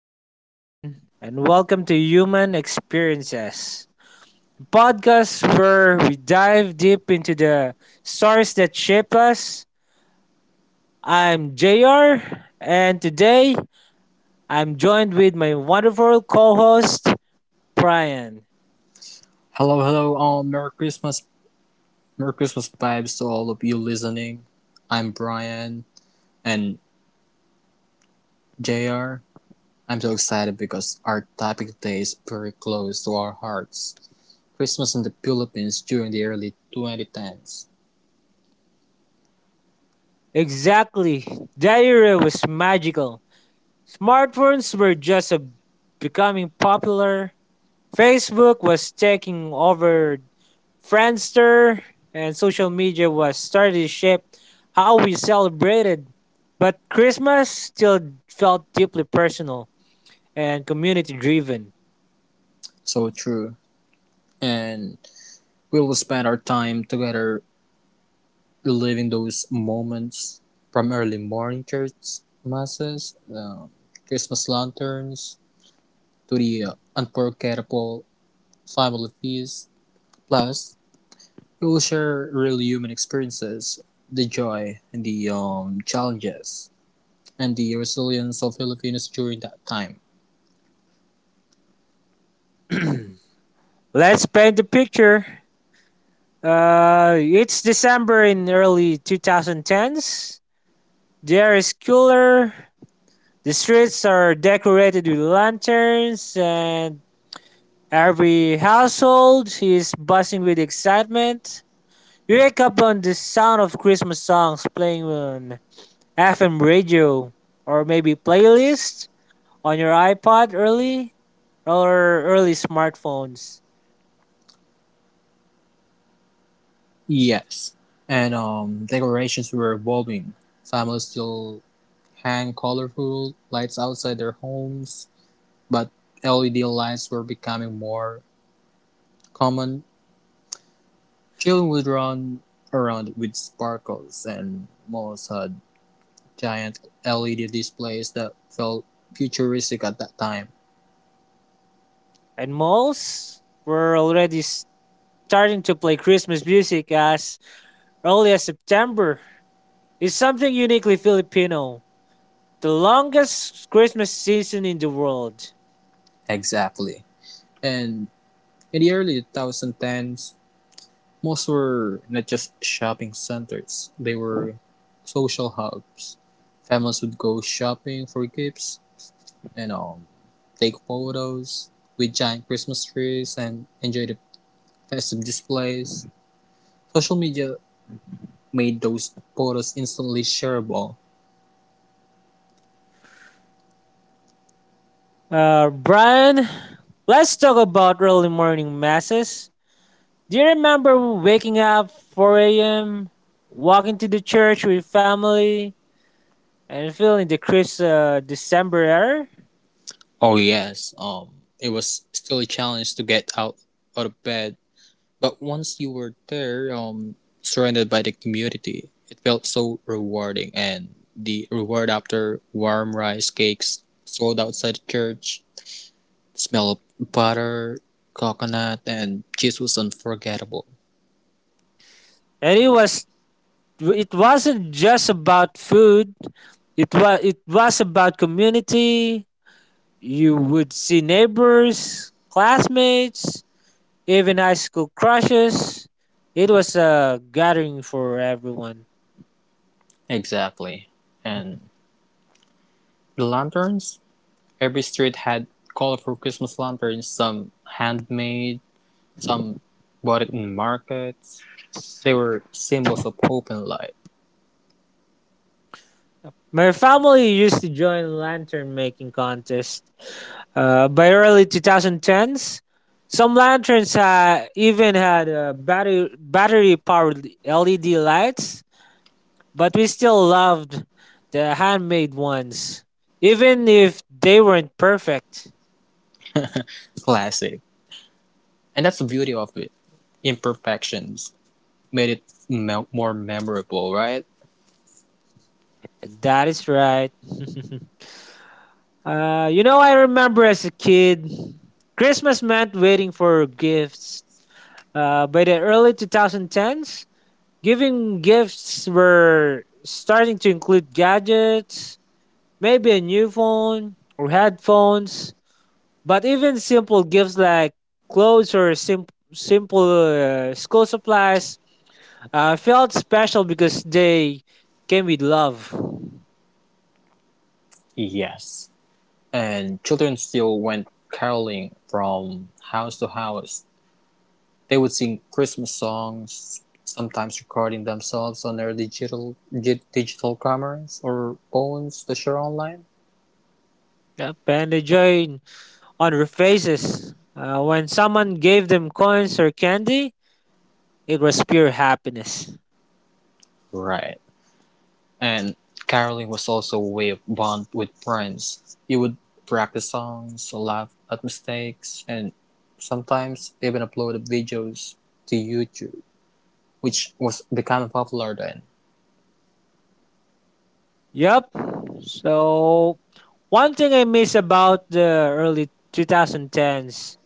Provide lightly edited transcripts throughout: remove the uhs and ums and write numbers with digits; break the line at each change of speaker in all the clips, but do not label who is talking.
day, everyone, and welcome to Human Experiences, the podcast where we dive deep into the stories that shape us. I'm JR, and today I'm joined with my wonderful co host, Brian.
Hello, hello, all. Merry Christmas. Merry Christmas vibes to all of you listening. I'm Brian and JR. I'm so excited because our topic today is very close to our hearts. Christmas in the Philippines during the early 2010s.
Exactly, that era was magical. Smartphones were just becoming popular. Facebook was taking over Friendster, and social media was starting to shape how we celebrated. But Christmas still felt deeply personal and community driven.
So true. And we will spend our time together reliving those moments from early morning church masses, Christmas lanterns, to the unforgettable family feast. Plus, it will share real human experiences, the joy and the challenges and the resilience of Filipinos during that time.
Let's paint the picture. It's December in early 2010s. The air is cooler. The streets are decorated with lanterns, and every household is buzzing with excitement. We wake up on the sound of Christmas songs playing on FM radio, or maybe playlist on your iPod early or early smartphones.
Yes, and decorations were evolving. Families still hang colorful lights outside their homes, but LED lights were becoming more common. Children would run around with sparkles, and malls had giant LED displays that felt futuristic at that time.
And malls were already starting to play Christmas music as early as September. It's something uniquely Filipino. The longest Christmas season in the world.
Exactly. And in the early 2010s, malls were not just shopping centers, they were social hubs. Families would go shopping for gifts and take photos with giant Christmas trees and enjoy the festive displays. Social media made those photos instantly shareable.
Brian, let's talk about early morning masses. Do you remember waking up 4 a.m., walking to the church with family, and feeling the crisp December air?
Oh, yes, it was still a challenge to get out of bed. But once you were there, surrounded by the community, it felt so rewarding. And the reward after warm rice cakes sold outside the church, the smell of butter, coconut, and cheese was unforgettable.
And it wasn't just about food. It was about community. You would see neighbors, classmates, even high school crushes. It was a gathering for everyone.
Exactly. And the lanterns? Every street had colorful Christmas lanterns, some handmade, some bought it in markets. They were symbols of hope and light.
My family used to join lantern making contest. By early 2010s, some lanterns even had battery powered LED lights, but we still loved the handmade ones, even if they weren't perfect.
Classic. And that's the beauty of it, imperfections made it more memorable, right?
That is right. You know, I remember as a kid, Christmas meant waiting for gifts. By the early 2010s, giving gifts were starting to include gadgets, maybe a new phone or headphones, but even simple gifts like clothes or simple school supplies felt special because they came with love.
Yes. And children still went caroling from house to house. They would sing Christmas songs, sometimes recording themselves on their digital cameras or phones to share online.
Yep. And the joy on their faces when someone gave them coins or candy, it was pure happiness.
Right. And caroling was also a way of bond with friends. You would practice songs, laugh at mistakes, and sometimes even upload videos to YouTube, which was becoming popular then.
Yep. So, one thing I miss about the early 2010s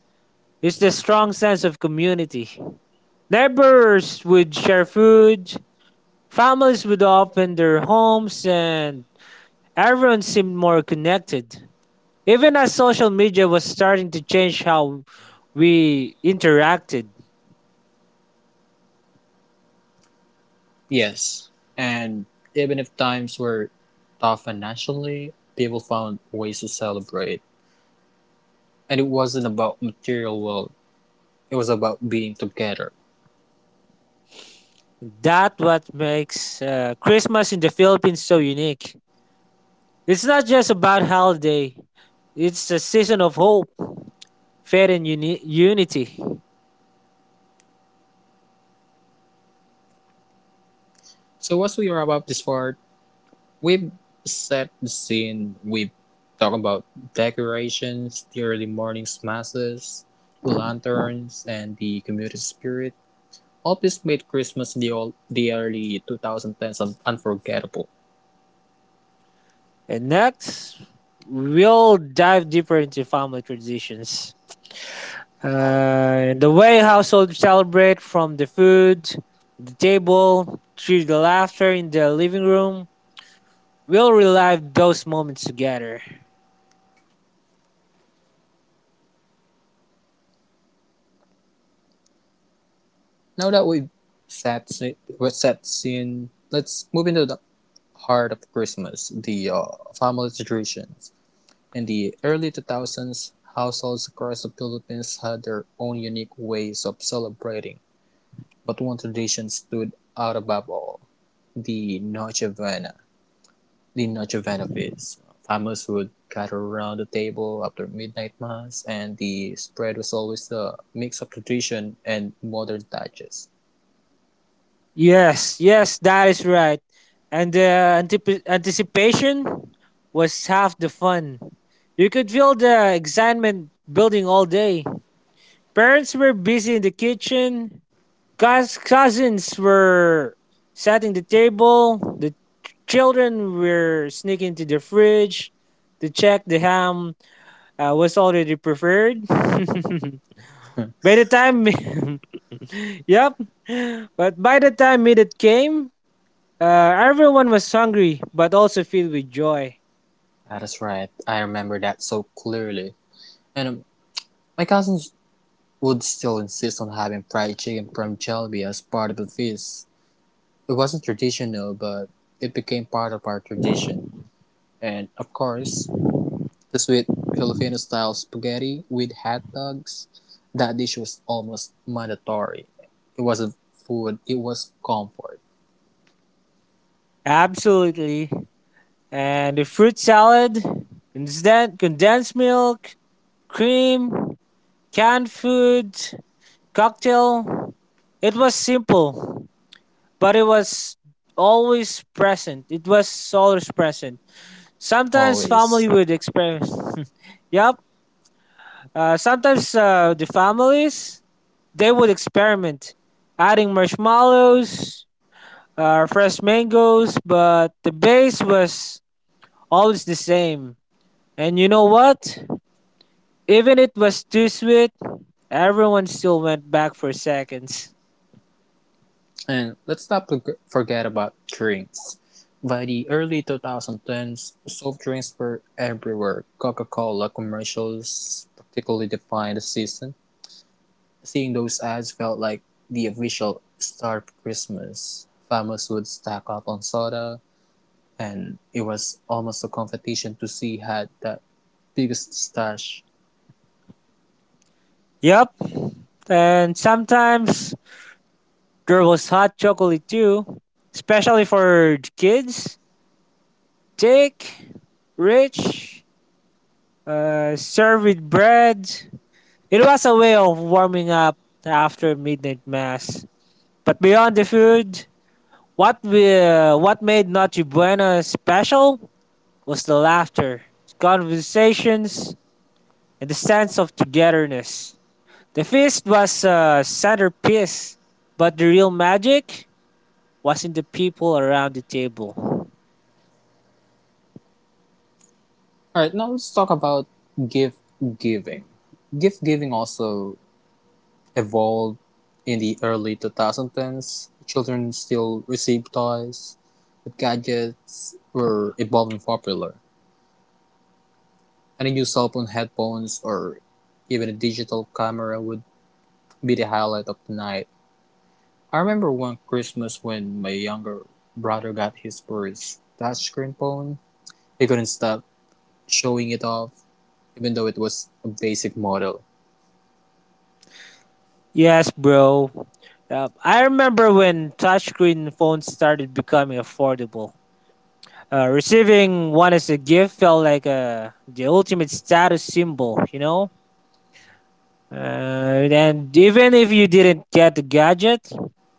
is the strong sense of community. Neighbors would share food, families would open their homes, and everyone seemed more connected, even as social media was starting to change how we interacted.
Yes. And even if times were tough financially, people found ways to celebrate. And it wasn't about material wealth, it was about being together.
That what makes Christmas in the Philippines so unique. It's not just about holiday. It's a season of hope, faith, and unity.
So as we wrap up this part, we've set the scene, we've talked about decorations, the early morning's masses, the lanterns, and the community spirit. All this made Christmas in the early 2010s unforgettable.
And next, we'll dive deeper into family traditions. The way households celebrate from the food, the table, to the laughter in the living room, we'll relive those moments together.
Now that set we set scene, let's move into the heart of Christmas, the family traditions. In the early 2000s, households across the Philippines had their own unique ways of celebrating, but one tradition stood out above all: the Noche Buena. The Noche Buena feast. Families would gather around the table after midnight mass, and the spread was always a mix of tradition and modern touches.
Yes, yes, that is right. And the anticipation was half the fun. You could feel the excitement building all day. Parents were busy in the kitchen. Cous- cousins were setting the table. The children were sneaking to the fridge to check the ham was already prepared. The time, yep, but by the time minute came, everyone was hungry but also filled with joy.
That is right. I remember that so clearly. And my cousins would still insist on having fried chicken from Jelby as part of the feast. It wasn't traditional, but it became part of our tradition. And of course, the sweet Filipino style spaghetti with hot dogs. That dish was almost mandatory. It wasn't food, it was comfort.
Absolutely, and the fruit salad, condensed milk, cream, canned food, cocktail, it was simple, but it was always present. It was always present. Sometimes family
Always.
would express. Yep. Sometimes, the families they would experiment, adding marshmallows, fresh mangoes, but the base was always the same. And you know what? Even it was too sweet, everyone still went back for seconds.
And let's not forget about drinks. By the early 2010s, soft drinks were everywhere. Coca-Cola commercials particularly defined the season. Seeing those ads felt like the official start of Christmas. Families would stack up on soda, and it was almost a competition to see who had the biggest stash.
Yep, and sometimes there was hot chocolate too, especially for the kids. Thick, rich, served with bread. It was a way of warming up after midnight mass. But beyond the food, what made Noche Buena special was the laughter, the conversations, and the sense of togetherness. The feast was a centerpiece, but the real magic was in the people around the table.
All right, now let's talk about gift giving. Gift giving also evolved in the early 2010s. Children still received toys, but gadgets were evolving popular. And a new cell phone, headphones, or even a digital camera would be the highlight of the night. I remember one Christmas when my younger brother got his first touchscreen phone. He couldn't stop showing it off, even though it was a basic model.
Yes, bro. I remember when touchscreen phones started becoming affordable. Receiving one as a gift felt like the ultimate status symbol, you know? And even if you didn't get the gadget,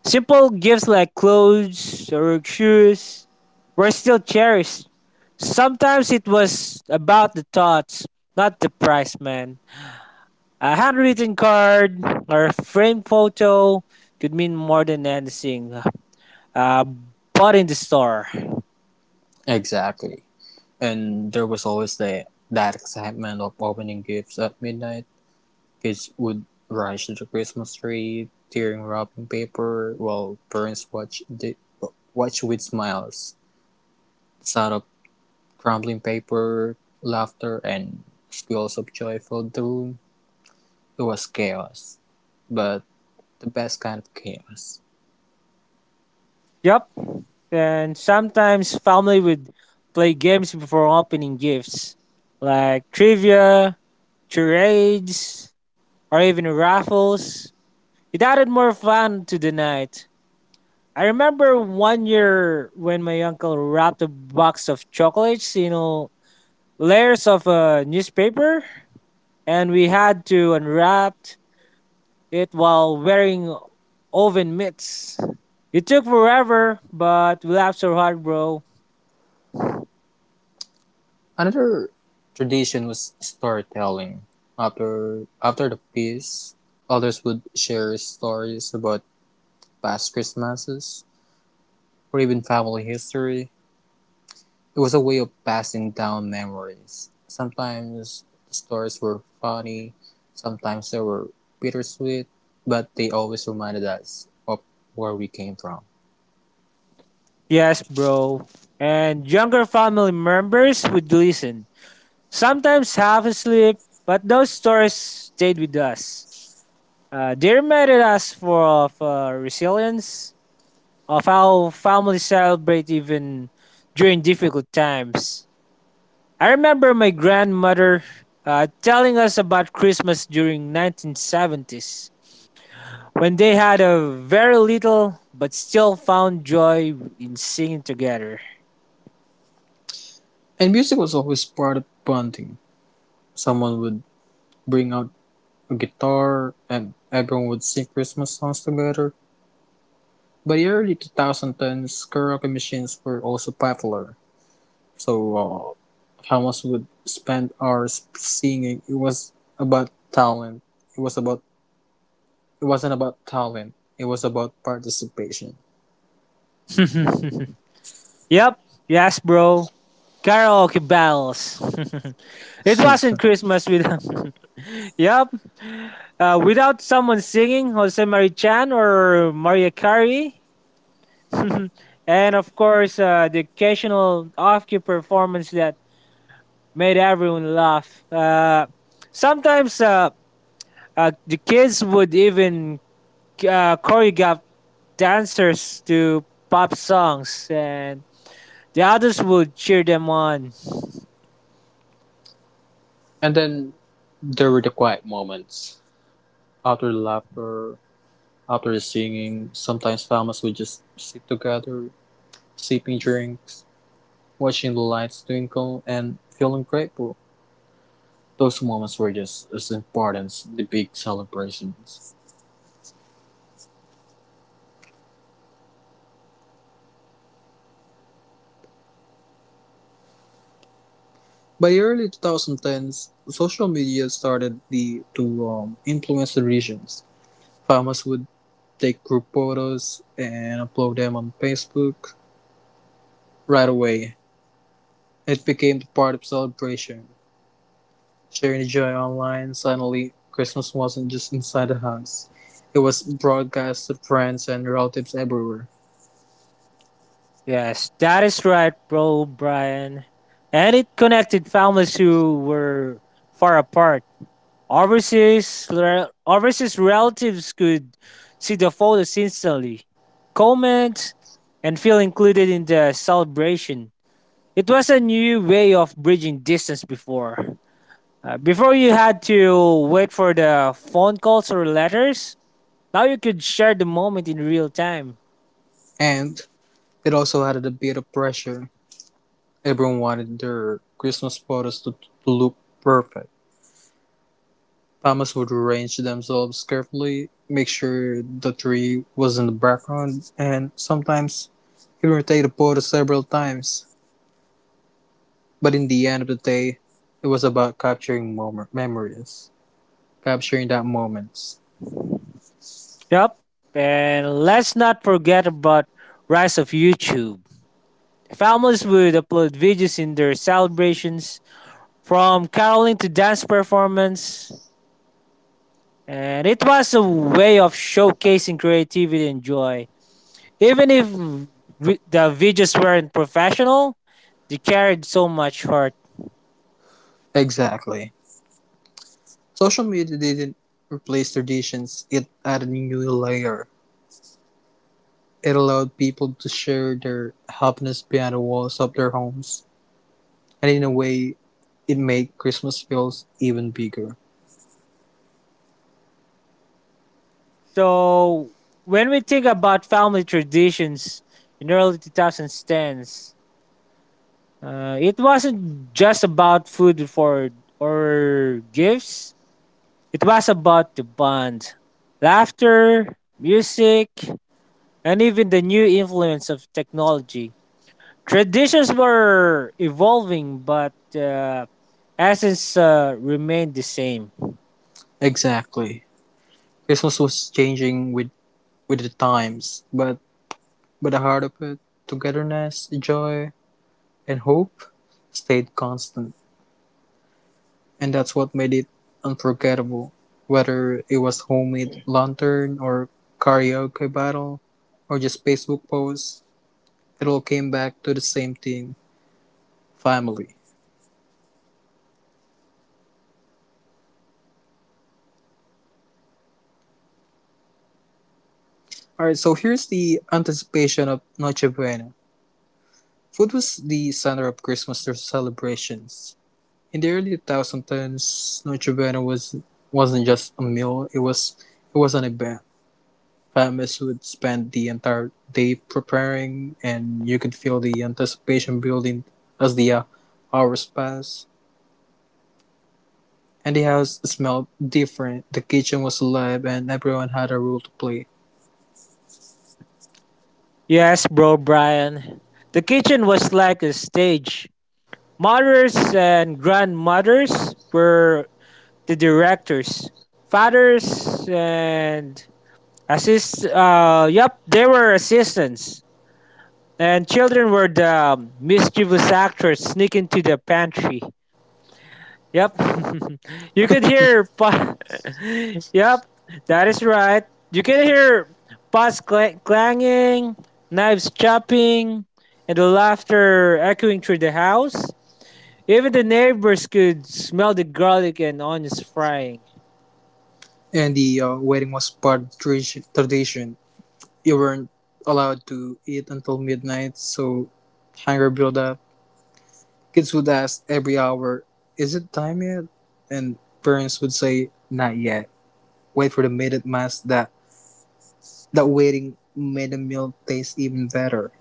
simple gifts like clothes or shoes were still cherished. Sometimes it was about the thoughts, not the price, man. A handwritten card or a framed photo could mean more than anything uh, bought in the store.
Exactly. And there was always the that excitement of opening gifts at midnight. Kids would rush to the Christmas tree, tearing wrapping paper, while watch with smiles. The sound of crumbling paper, laughter, and squeals of joy filled the room. It was chaos, but the best kind of chaos.
Yep. And sometimes family would play games before opening gifts, like trivia, charades, or even raffles. It added more fun to the night. I remember one year when my uncle wrapped a box of chocolates, you know, layers of newspaper, and we had to unwrap it while wearing oven mitts. It took forever, but we laughed so hard, bro.
Another tradition was storytelling. After the feast, others would share stories about past Christmases or even family history. It was a way of passing down memories. Sometimes the stories were funny, sometimes they were bittersweet, but they always reminded us of where we came from.
Yes, bro. And younger family members would listen, sometimes half asleep, but those stories stayed with us. They reminded us for of resilience of how family celebrate even during difficult times. I remember my grandmother telling us about Christmas during 1970s when they had a very little but still found joy in singing together.
And music was always part of bonding. Someone would bring out a guitar and everyone would sing Christmas songs together. By the early 2010s, karaoke machines were also popular. So, Hamas would spend hours singing. About talent. It was about It wasn't about talent. It was about participation.
Yep, yes, bro. Karaoke battles. It wasn't
And
Christmas without. Yep, without someone singing Jose Marichan or Maria Carey, and of course, the occasional off-key performance that made everyone laugh. Sometimes, the kids would even choreograph dancers to pop songs, and the others would cheer them on.
then there were the quiet moments. After the laughter, after the singing, sometimes families would just sit together, sipping drinks, watching the lights twinkle, and feeling grateful. Those moments were just as important as the big celebrations. By the early 2010s, social media started to influence the regions. Families would take group photos and upload them on Facebook right away. It became the part of celebration. Sharing the joy online, suddenly Christmas wasn't just inside the house. It was broadcast to friends and relatives everywhere.
Yes, that is right, bro, Brian. And it connected families who were far apart. Overseas, overseas relatives could see the photos instantly, comment, and feel included in the celebration. It was a new way of bridging distance before. Before you had to wait for the phone calls or letters, now you could share the moment in real time.
And it also added a bit of pressure. Everyone wanted their Christmas to look perfect. Families would arrange themselves carefully, make sure the tree was in the background, and sometimes even take the photo several times. But in the end of the day, it was about capturing memories, capturing that moments.
Yep. And let's not forget about rise of YouTube. Families would upload videos in their celebrations from caroling to dance performance. And it was a way of showcasing creativity and joy. Even if the videos weren't professional, they carried so much heart.
Exactly. Social media didn't replace traditions, it added a new layer. It allowed people to share their happiness behind the walls of their homes. And in a way, it made Christmas feels even bigger.
So when we think about family traditions in early 2010s, it wasn't just about food for or gifts. It was about the bond, laughter, music, and even the new influence of technology. Traditions were evolving, but essence remained the same.
Exactly. Christmas was changing with the times, but the heart of it, togetherness, joy, and hope stayed constant. And that's what made it unforgettable, whether it was homemade lantern or karaoke battle or just Facebook posts, it all came back to the same thing, family. Alright, so here's the anticipation of Noche Buena. Food was the center of Christmas celebrations. In the early 2010s, wasn't just a meal, it was an event. Families would spend the entire day preparing, and you could feel the anticipation building as the hours passed. And the house smelled different. The kitchen was alive, and everyone had a role to play.
Yes, bro, Brian. The kitchen was like a stage. Mothers and grandmothers were the directors. Fathers and assist. Yep, they were assistants. And children were the mischievous actors sneaking to the pantry. Yep. you could hear pa- Yep, that is right. You can hear clanging, knives chopping, and the laughter echoing through the house. Even the neighbors could smell the garlic and onions frying.
And the wedding was part of tradition. You weren't allowed to eat until midnight, so hunger built up. Kids would ask every hour, "Is it time yet?" And parents would say, "Not yet. Wait for the midnight mass that that waiting made the meal taste even better."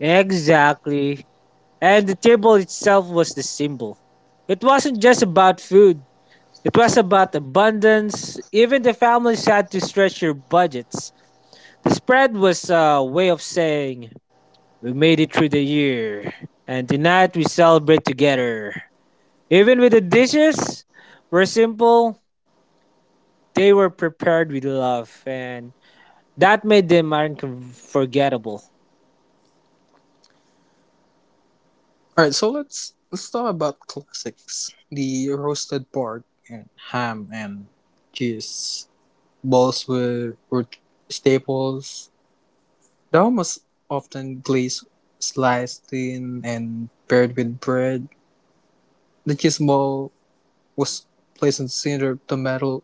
Exactly. And the table itself was the symbol. It wasn't just about food. It was about abundance. Even the families had to stretch their budgets. Spread was a way of saying we made it through the year and tonight we celebrate together. Even with the dishes were simple, they were prepared with love and that made them unforgettable.
All right, so let's talk about classics. The roasted pork and ham and cheese were staples. They almost often glazed, sliced thin, and paired with bread. The cheese ball was placed in the center of the metal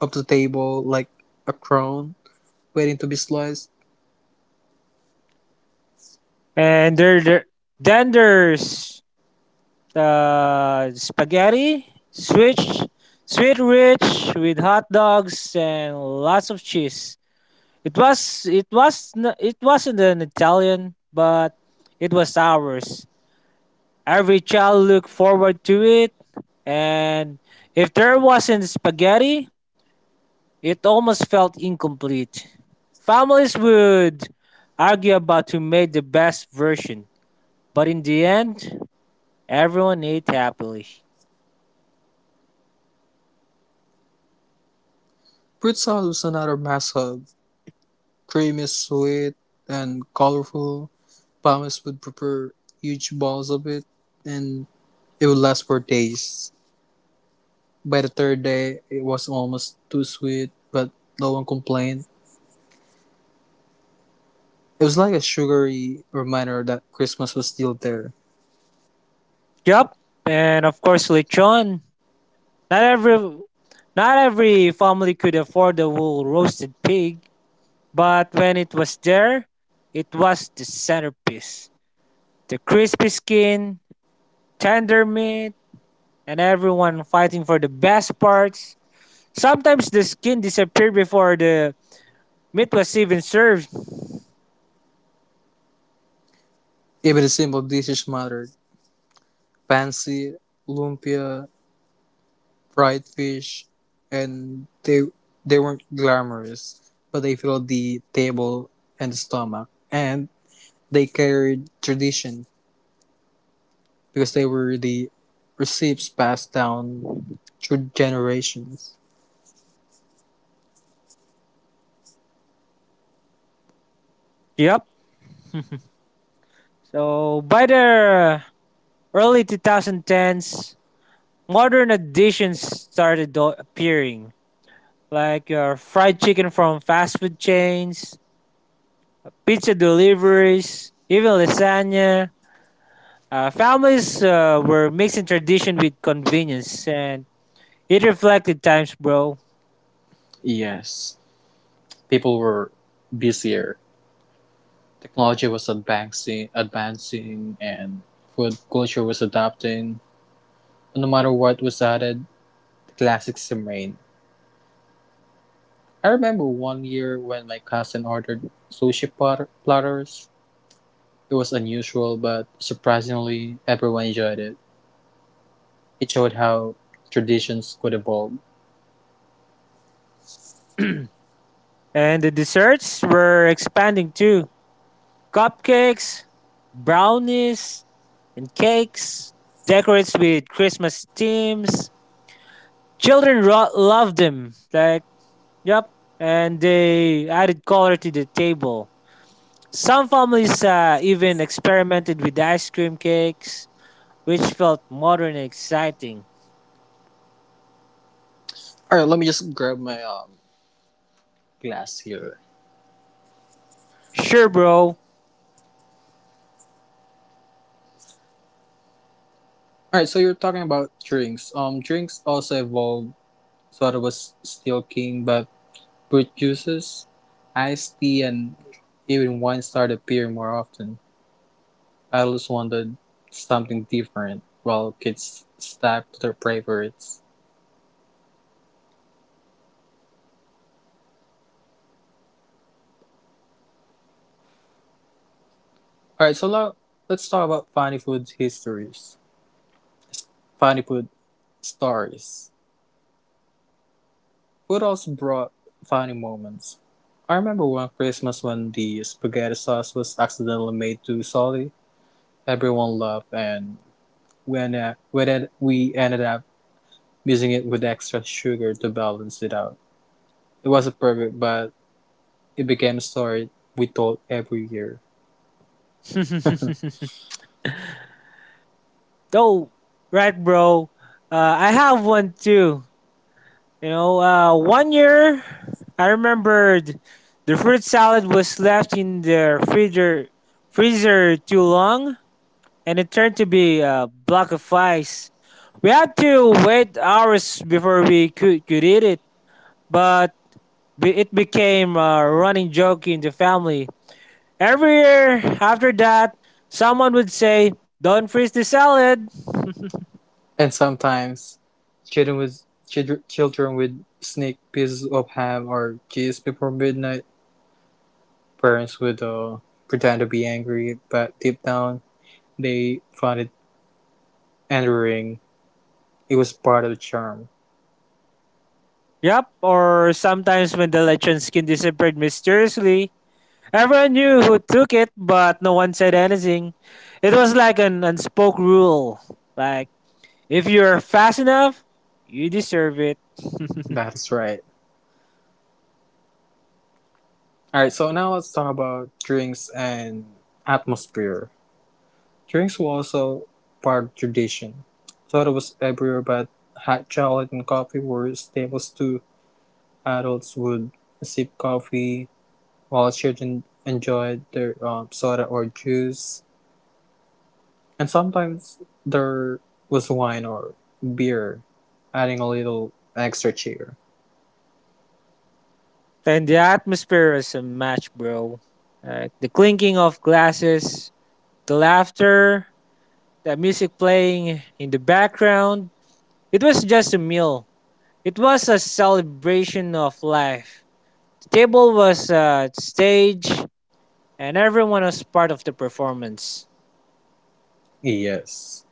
of the table like a crown, waiting to be sliced.
And there then there's the spaghetti, switch, sweet rich with hot dogs and lots of cheese. It wasn't an Italian, but it was ours. Every child looked forward to it, and if there wasn't spaghetti, it almost felt incomplete. Families would argue about who made the best version, but in the end, everyone ate happily.
Fruit salad was another massive, creamy, sweet, and colorful. Farmers would prepare huge balls of it and it would last for days. By the third day, it was almost too sweet, but no one complained. It was like a sugary reminder that Christmas was still there.
Yup, and of course lechon. Not every not every family could afford a whole roasted pig, but when it was there, it was the centerpiece. The crispy skin, tender meat, and everyone fighting for the best parts. Sometimes the skin disappeared before the meat was even served.
Even the simple dishes mattered. Fancy, lumpia, fried fish, and they weren't glamorous, but they filled the table and the stomach, and they carried tradition, because they were the receipts passed down through generations.
Yep. So by the early 2010s, modern additions started appearing, like your fried chicken from fast food chains, pizza deliveries, even lasagna. Families were mixing tradition with convenience, and it reflected times, bro.
Yes, people were busier. Technology was advancing, and food culture was adapting. No matter what was added, the classics remained. I remember one year when my cousin ordered platters. It was unusual, but surprisingly, everyone enjoyed it. It showed how traditions could evolve.
And the desserts were expanding too: cupcakes, brownies, and cakes, decorates with Christmas themes. Children loved them. Like, yep. And they added color to the table. Some families even experimented with ice cream cakes, which felt modern and exciting.
All right, let me just grab my glass here.
Sure, bro.
All right, so you're talking about drinks. Drinks also evolved. Soda was still king, but fruit juices, iced tea, and even wine started appearing more often. Adults wanted something different, while kids stuck to their favorites. All right, so now let's talk about funny food stories. Food also brought funny moments. I remember one Christmas when the spaghetti sauce was accidentally made too salty. Everyone loved, and we ended up we ended up using it with extra sugar to balance it out. It wasn't perfect, but it became a story we told every year.
Though, right, bro. I have one too. You know, one year I remembered the fruit salad was left in the freezer too long, and it turned to be a block of ice. We had to wait hours before we could eat it, but it became a running joke in the family. Every year after that, someone would say, don't freeze the salad.
And sometimes children would sneak pieces of ham or cheese before midnight. Parents would pretend to be angry, but deep down they found it endearing. It was part of the charm.
Yep, or sometimes when the lechon skin disappeared mysteriously, everyone knew who took it, but no one said anything. It was like an unspoken rule. Like, if you're fast enough, you deserve it.
That is right. All right, so now let's talk about drinks and atmosphere. Drinks were also part of tradition. Soda was everywhere, but hot chocolate and coffee were staples too. Adults would sip coffee while children enjoyed their soda or juice. And sometimes there was wine or beer, adding a little extra cheer.
And the atmosphere is a match, bro. Like the clinking of glasses, the laughter, the music playing in the background. It was just a meal. It was a celebration of life. The table was a stage, and everyone was part of the performance.
Yes.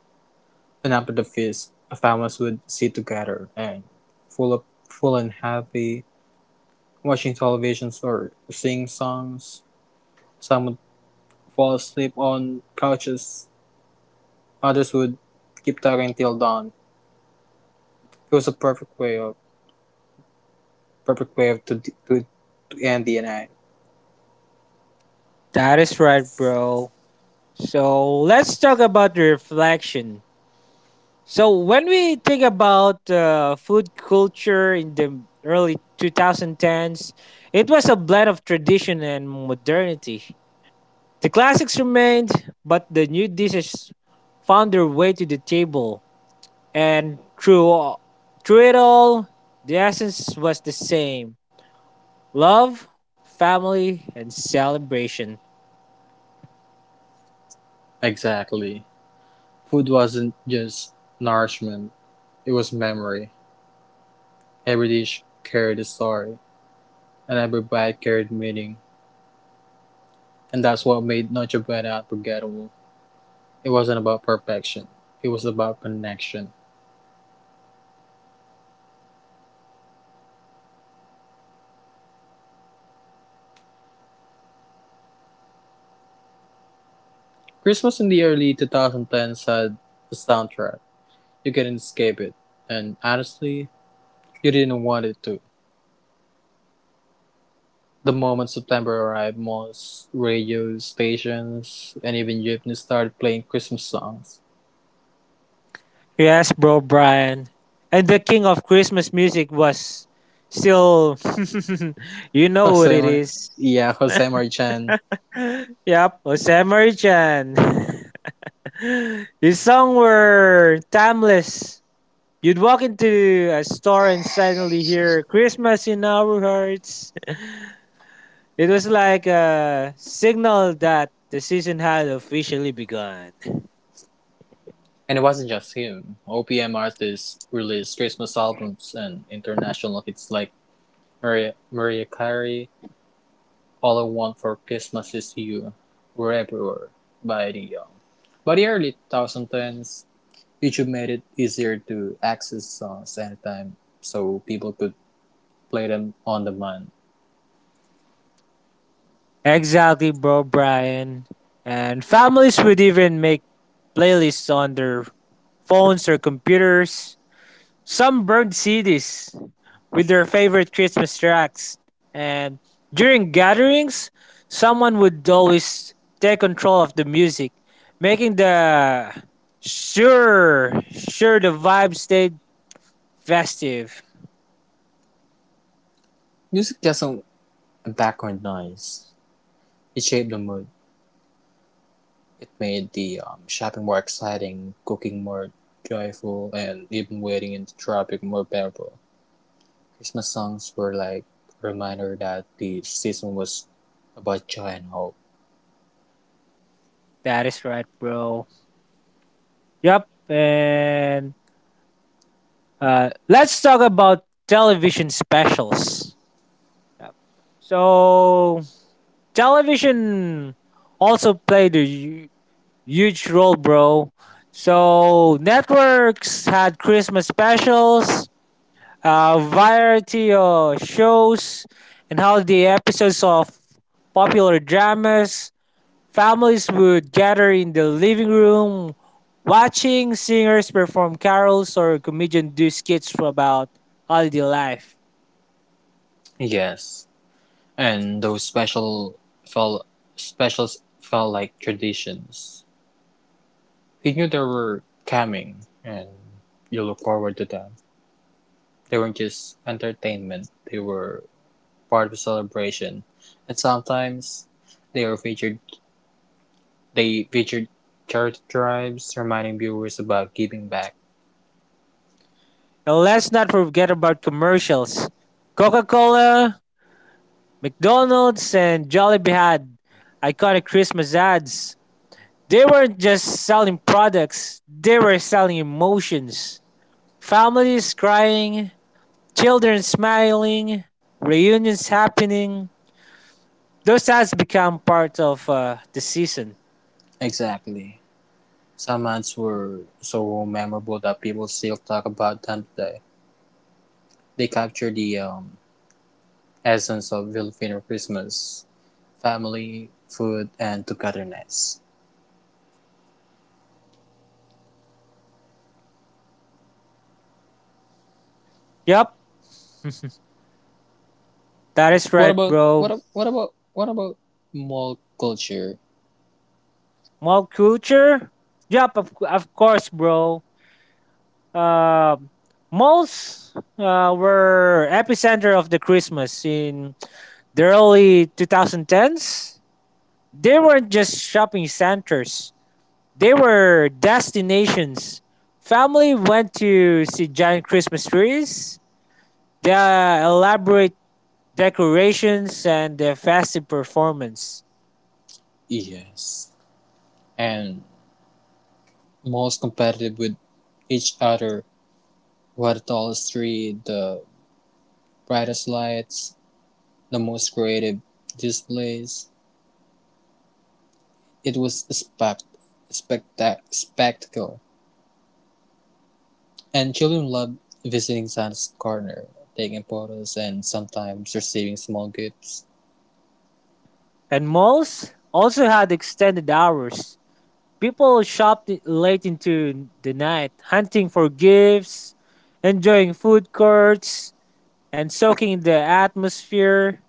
And after the feast, families would sit together and full of full and happy, watching television or singing songs. Some would fall asleep on couches. Others would keep talking till dawn. It was a perfect way to end the night.
That is right, bro. So let's talk about the reflection. So when we think about food culture in the early 2010s, it was a blend of tradition and modernity. The classics remained, but the new dishes found their way to the table. And through it all, the essence was the same: love, family, and celebration.
Exactly. Food wasn't just nourishment; it was memory. Every dish carried a story, and every bite carried meaning. And that's what made Noche Buena unforgettable. It wasn't about perfection; it was about connection. Christmas in the early 2010s had a soundtrack. You couldn't escape it, and honestly, you didn't want it to. The moment September arrived, most radio stations and even Jeepney started playing Christmas songs.
Yes, bro, Brian. And the king of Christmas music was still, you know what it
Jose
is.
yeah, Jose Chan.
Yep, Jose Marichan. His songs were timeless. You'd walk into a store and suddenly hear Christmas in our hearts. It was like a signal that the season had officially begun.
And it wasn't just him. OPM artists released Christmas albums, and international hits like Maria Carey, All I Want for Christmas Is You, were everywhere. By the early 2010s, YouTube made it easier to access songs anytime, so people could play them on demand.
Exactly, bro, Brian. And families would even make playlists on their phones or computers. Some burned CDs with their favorite Christmas tracks. And during gatherings, someone would always take control of the music, making sure the vibe stayed festive.
Music just a background noise. It shaped the mood. It made the shopping more exciting, cooking more joyful, and even waiting in the traffic more bearable. Christmas songs were like a reminder that the season was about joy and hope.
That is right, bro. Yep. And let's talk about television specials. Yep. So television also played a huge role, bro. So networks had Christmas specials, a variety of shows, and how the episodes of popular dramas. Families would gather in the living room, watching singers perform carols or comedians do skits about holiday life.
Yes, and those special felt specials felt like traditions. We knew they were coming, and you look forward to them. They weren't just entertainment, they were part of a celebration. And sometimes they were featured they featured charity drives, reminding viewers about giving back.
And let's not forget about commercials. Coca Cola, McDonald's, and Jollibee had iconic Christmas ads. They weren't just selling products, they were selling emotions. Families crying, children smiling, reunions happening. Those ads become part of the season.
Exactly. Some ads were so memorable that people still talk about them today. They capture the essence of Filipino Christmas, family, food, and togetherness.
Yup, that is
What
right,
about
bro.
what ab- what about What about mall culture?
Mall culture? Yup, of course, bro. Uh, malls were epicenter of the Christmas in the early 2010s. They weren't just shopping centers. They were destinations. Family went to see giant Christmas trees, the elaborate decorations, and the festive performance.
Yes, and malls competitive with each other. What the tallest tree, the brightest lights, the most creative displays. It was a spectacle, and children loved visiting Santa's corner, taking photos, and sometimes receiving small gifts.
And malls also had extended hours. People shopped late into the night, hunting for gifts, enjoying food courts, and soaking in the atmosphere.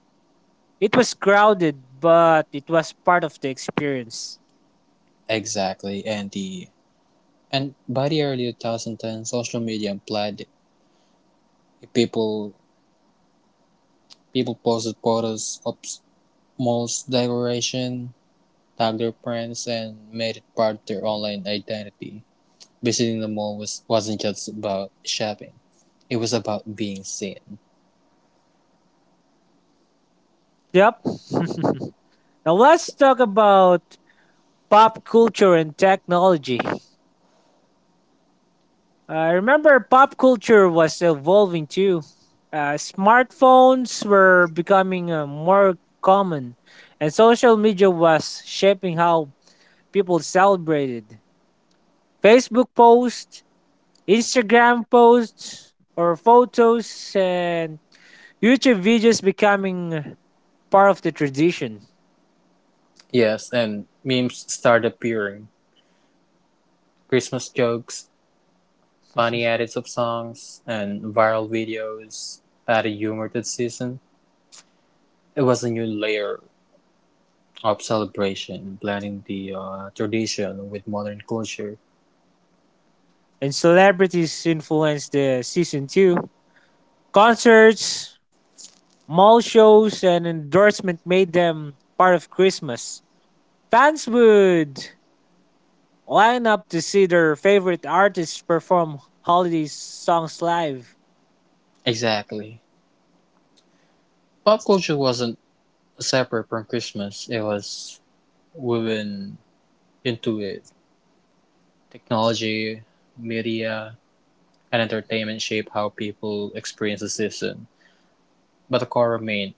It was crowded, but it was part of the experience.
Exactly, and the and by the early 2010, social media implied people people posted photos of Moll's decoration, tagged their friends, and made it part of their online identity. Visiting wasn't just about shopping, it was about being seen.
Yep. Now let's talk about pop culture and technology. I remember pop culture was evolving too. Smartphones were becoming more common, and social media was shaping how people celebrated. Facebook posts, Instagram posts, or photos, and YouTube videos becoming part of the tradition.
Yes, and memes started appearing. Christmas jokes, funny edits of songs, and viral videos added humor to the season. It was a new layer of celebration, blending the tradition with modern culture.
And celebrities influenced the season too. Concerts, mall shows and endorsement made them part of Christmas. Fans would line up to see their favorite artists perform holiday songs live.
Exactly. Pop culture wasn't separate from Christmas, it was woven into it. Technology, media, and entertainment shape how people experience the season, but the core remained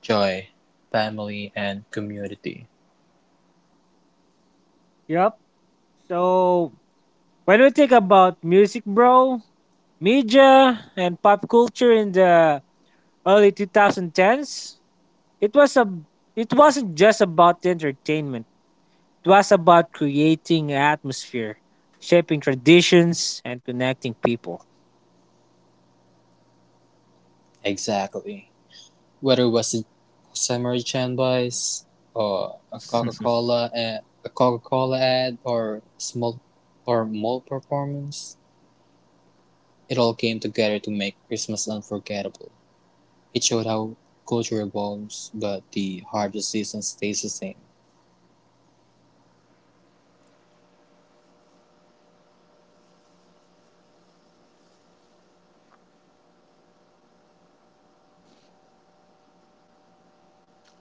joy, family, and community.
Yep. So when we think about music, bro, media and pop culture in the early 2010s, it was a it wasn't just about entertainment. It was about creating atmosphere, shaping traditions, and connecting people.
Exactly. Whether it was a samurai chanbais, or a Coca-Cola ad, or small or mall performance, it all came together to make Christmas unforgettable. It showed how culture evolves, but the heart of season stays the same.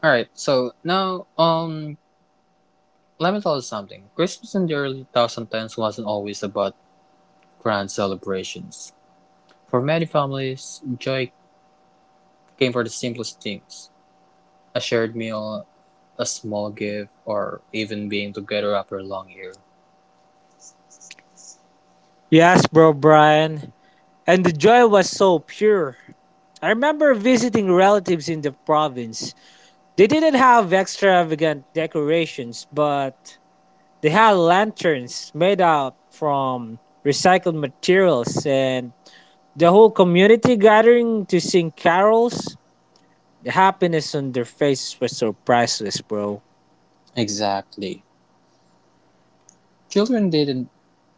All right, so now let me tell you something. Christmas in the early 2010s wasn't always about grand celebrations. For many families, joy came from the simplest things: a shared meal, a small gift, or even being together after a long year.
Yes, bro, Brian. And the joy was so pure. I remember visiting relatives in the province. They didn't have extravagant decorations, but they had lanterns made out from recycled materials and the whole community gathering to sing carols. The happiness on their faces was so priceless, bro.
Exactly. Children didn't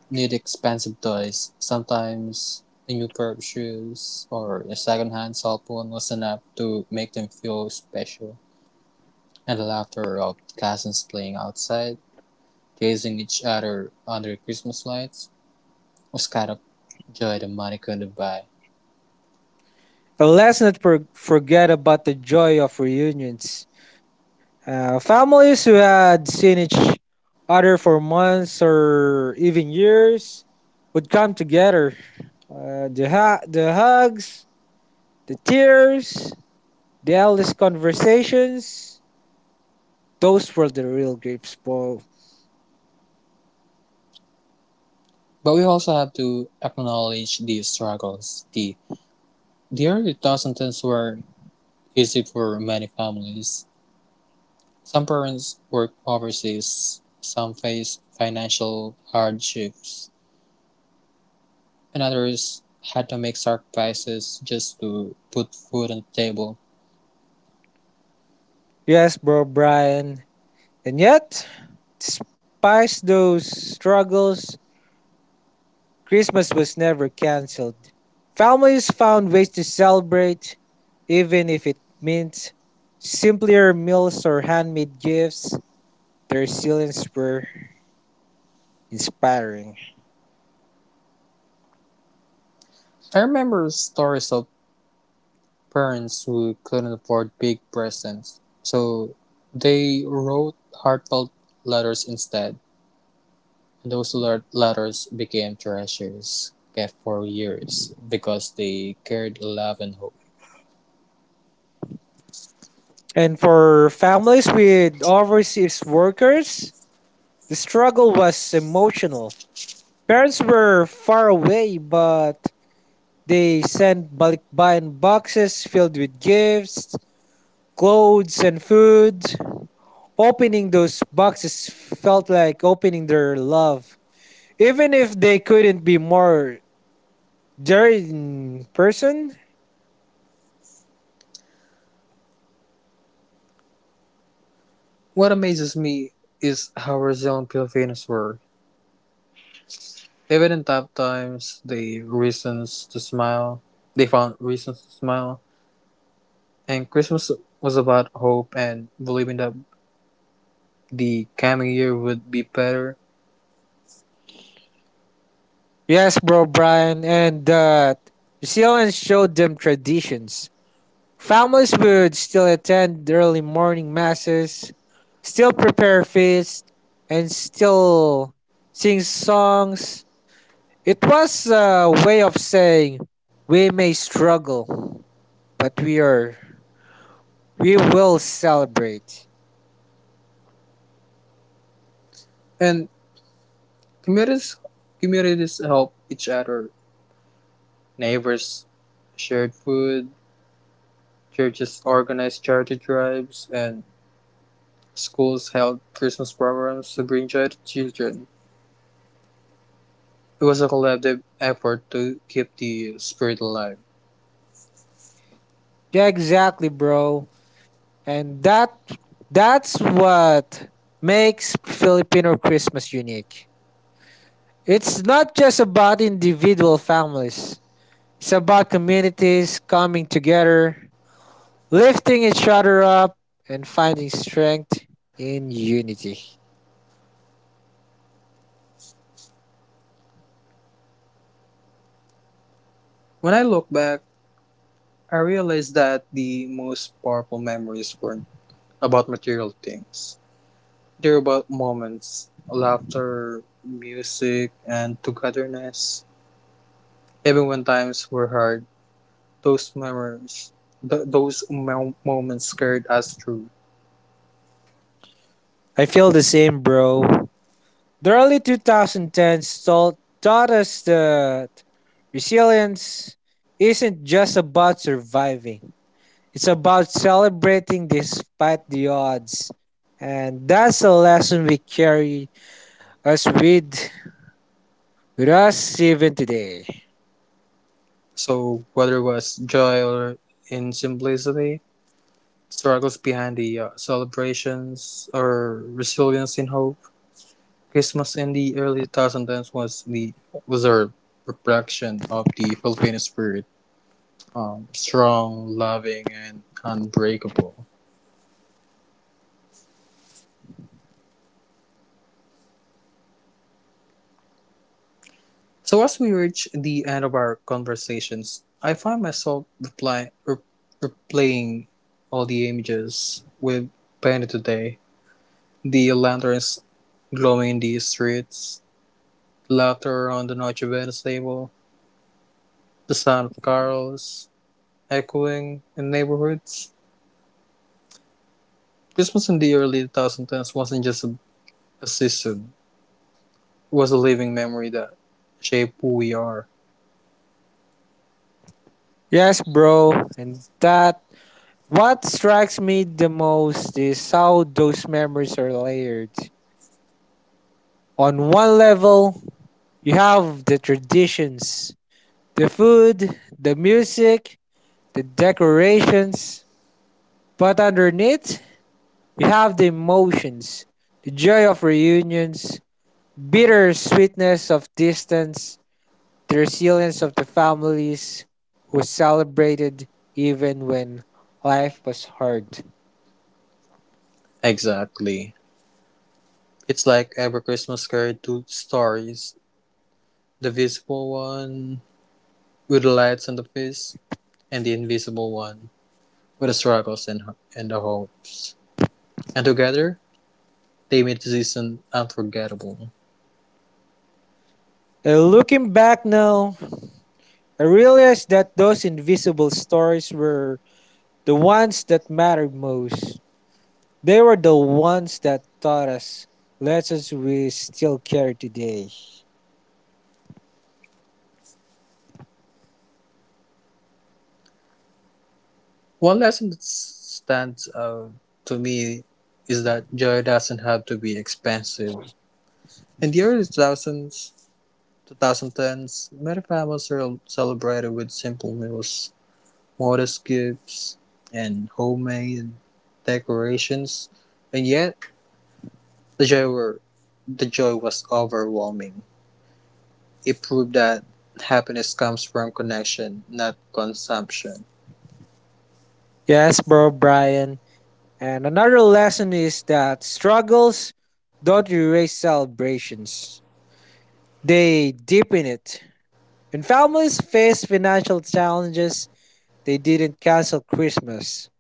need expensive toys. Sometimes a new pair of shoes or a second-hand cell phone was enough to make them feel special. And the laughter of cousins playing outside, gazing each other under Christmas lights, was kind of joy that money couldn't buy.
And let's not for- forget about the joy of reunions. Families who had seen each other for months or even years would come together. The hugs, the tears, the endless conversations, those were the real grips, bro.
But we also have to acknowledge these struggles. The early 2010s were easy for many families. Some parents worked overseas, some faced financial hardships, and others had to make sacrifices just to put food on the table.
Yes, bro, Brian. And yet, despite those struggles, Christmas was never cancelled. Families found ways to celebrate, even if it meant simpler meals or handmade gifts. The resilience were inspiring.
I remember stories of parents who couldn't afford big presents, so they wrote heartfelt letters instead. And those letters became treasures kept for years because they carried love and hope.
And for families with overseas workers, the struggle was emotional. Parents were far away, but they sent balikbayan boxes filled with gifts, clothes, and food. Opening those boxes felt like opening their love, even if they couldn't be more there in person.
What amazes me is how resilient Filipinos were. Even in tough times, they reasons to smile. They found reasons to smile. And Christmas was about hope and believing that the coming year would be better.
Yes, bro, Brian, and that New Zealand showed them traditions. Families would still attend early morning masses, still prepare feast, and still sing songs. It was a way of saying we may struggle, but we will celebrate.
And communities communities help each other. Neighbors shared food, churches organized charity drives, and schools held Christmas programs to bring joy to children. It was a collective effort to keep the spirit alive.
Yeah, exactly, bro. And that's what makes Filipino Christmas unique. It's not just about individual families. It's about communities coming together, lifting each other up and finding strength in unity.
When I look back, I realized that the most powerful memories weren't about material things. Durable moments, laughter, music, and togetherness. Even when times were hard, those memories, th- those mo- moments carried us through.
I feel the same, bro. The early 2010s taught us that resilience isn't just about surviving. It's about celebrating despite the odds. And that's a lesson we carry us with us even today.
So whether it was joy or in simplicity, struggles behind the celebrations, or resilience in hope, Christmas in the early 2010s was the was a reflection of the Filipino spirit, strong, loving, and unbreakable. So, as we reach the end of our conversations, I find myself replaying all the images we've painted today, the lanterns glowing in the streets, laughter on the Noche Venice table, the sound of carols echoing in neighborhoods. Christmas in the early 2010s wasn't just a season, it was a living memory that shaped who we are.
Yes, bro. And that what strikes me the most is how those memories are layered. On one level, you have the traditions, the food, the music, the decorations, but underneath, you have the emotions, the joy of reunions, bitter sweetness of distance, the resilience of the families who celebrated even when life was hard.
Exactly. It's like every Christmas carried two stories. The visible one with the lights and the fists, and the invisible one with the struggles and the hopes. And together, they made the season unforgettable.
And looking back now, I realized that those invisible stories were the ones that mattered most. They were the ones that taught us lessons we still carry today.
One lesson that stands out to me is that joy doesn't have to be expensive. In the 2010s, many families are celebrated with simple meals, modest gifts, and homemade decorations, and yet The joy were the joy was overwhelming. It proved that happiness comes from connection, not consumption.
Yes, bro, Brian. And another lesson is that struggles don't erase celebrations. They deepen it. When families face financial challenges, they didn't cancel Christmas.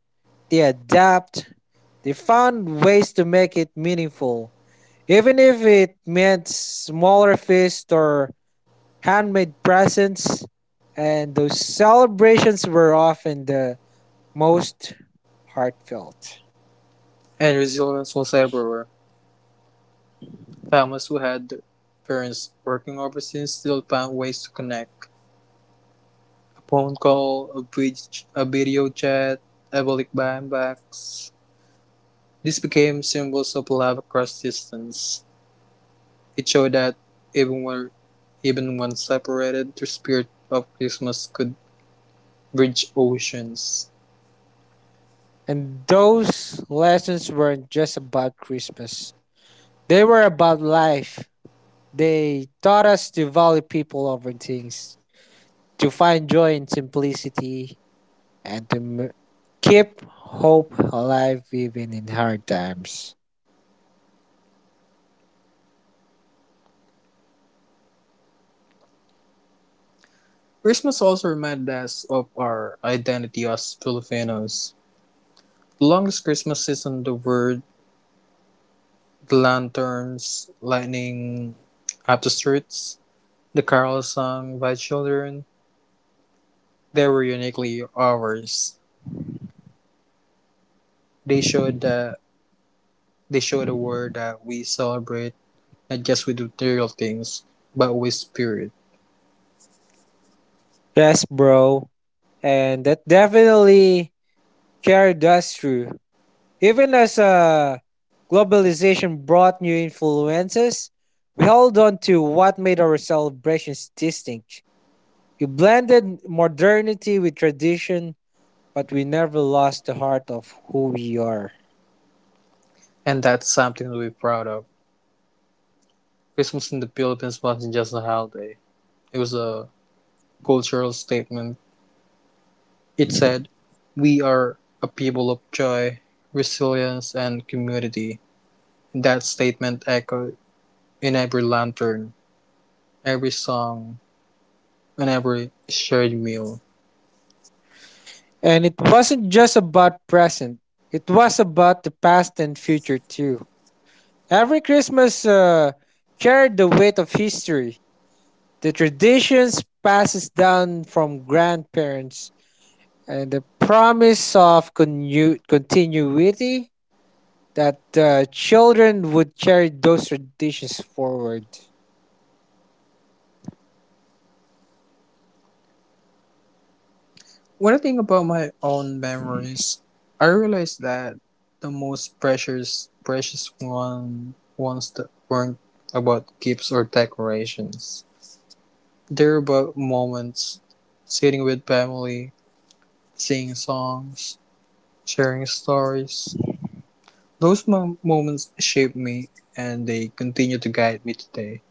They adapt. They found ways to make it meaningful, even if it meant smaller feasts or handmade presents. And those celebrations were often the most heartfelt.
And resilience was everywhere. Families who had parents working overseas still found ways to connect. A phone call, a, bridge, a video chat, a balikbayan box. This became symbols of love across distance. It showed that even where even when separated, the spirit of Christmas could bridge oceans.
And those lessons weren't just about Christmas, they were about life. They taught us to value people over things, to find joy in simplicity and keep hope alive even in hard times.
Christmas also reminds us of our identity as Filipinos. The longest Christmas season, the word, the lanterns, lightning up the streets, the carols sung by children, they were uniquely ours. They showed that they showed the world that we celebrate not just with material things, but with spirit.
Yes, bro. And that definitely carried us through. Even as globalization brought new influences, we held on to what made our celebrations distinct. We blended modernity with tradition, but we never lost the heart of who we are.
And that's something to be proud of. Christmas in the Philippines wasn't just a holiday. It was a cultural statement. It said, we are a people of joy, resilience, and community. That statement echoed in every lantern, every song, and every shared meal.
And it wasn't just about present, it was about the past and future too. Every Christmas carried the weight of history, the traditions passes down from grandparents, and the promise of continuity that children would carry those traditions forward.
When I think about my own memories, I realize that the most precious, precious one, ones that weren't about gifts or decorations. They're about moments, sitting with family, singing songs, sharing stories. Moments shaped me, and they continue to guide me today.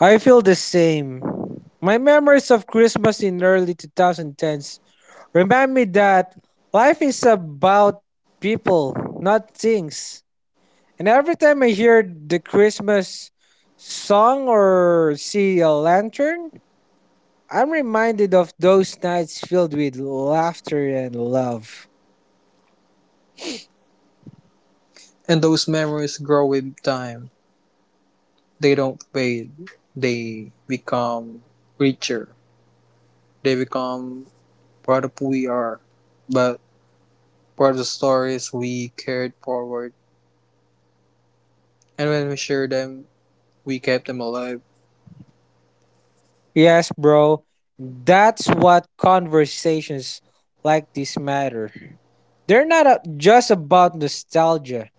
I feel the same. My memories of Christmas in early 2010s remind me that life is about people, not things. And every time I hear the Christmas song or see a lantern, I'm reminded of those nights filled with laughter and love.
And those memories grow with time. They don't fade. They become richer. They become part of who we are, but part of the stories we carried forward. And when we share them, we kept them alive.
Yes, bro, that's what conversations like this matter. They're not a- just about nostalgia,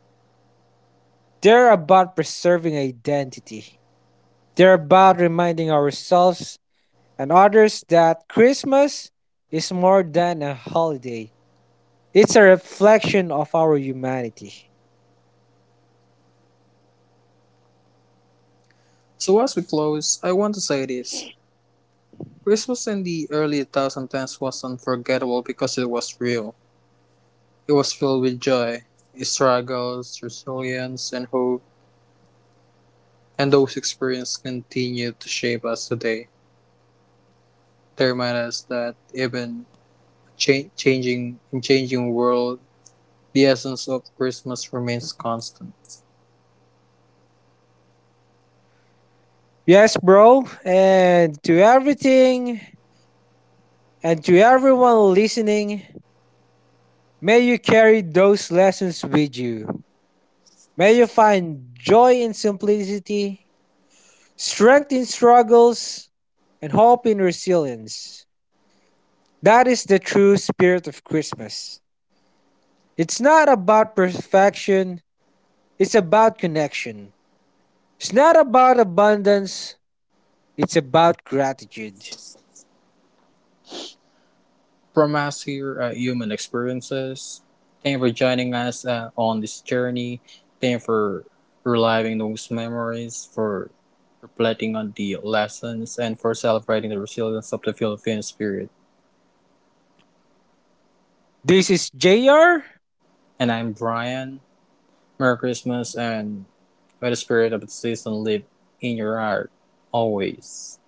they're about preserving identity. They're about reminding ourselves and others that Christmas is more than a holiday. It's a reflection of our humanity.
So as we close, I want to say this. Christmas in the early 2010s was unforgettable because it was real. It was filled with joy, struggles, resilience, and hope. And those experiences continue to shape us today. They remind us that even changing world, the essence of Christmas remains constant.
Yes, bro. And to everyone listening, may you carry those lessons with you. May you find joy in simplicity, strength in struggles, and hope in resilience. That is the true spirit of Christmas. It's not about perfection, it's about connection. It's not about abundance, it's about gratitude.
From us here at Human Experiences, thank you for joining us on this journey. Thank you for reliving those memories, for reflecting on the lessons, and for celebrating the resilience of the Filipino spirit.
This is JR
And I'm Brian. Merry Christmas, and may the spirit of the season live in your heart always.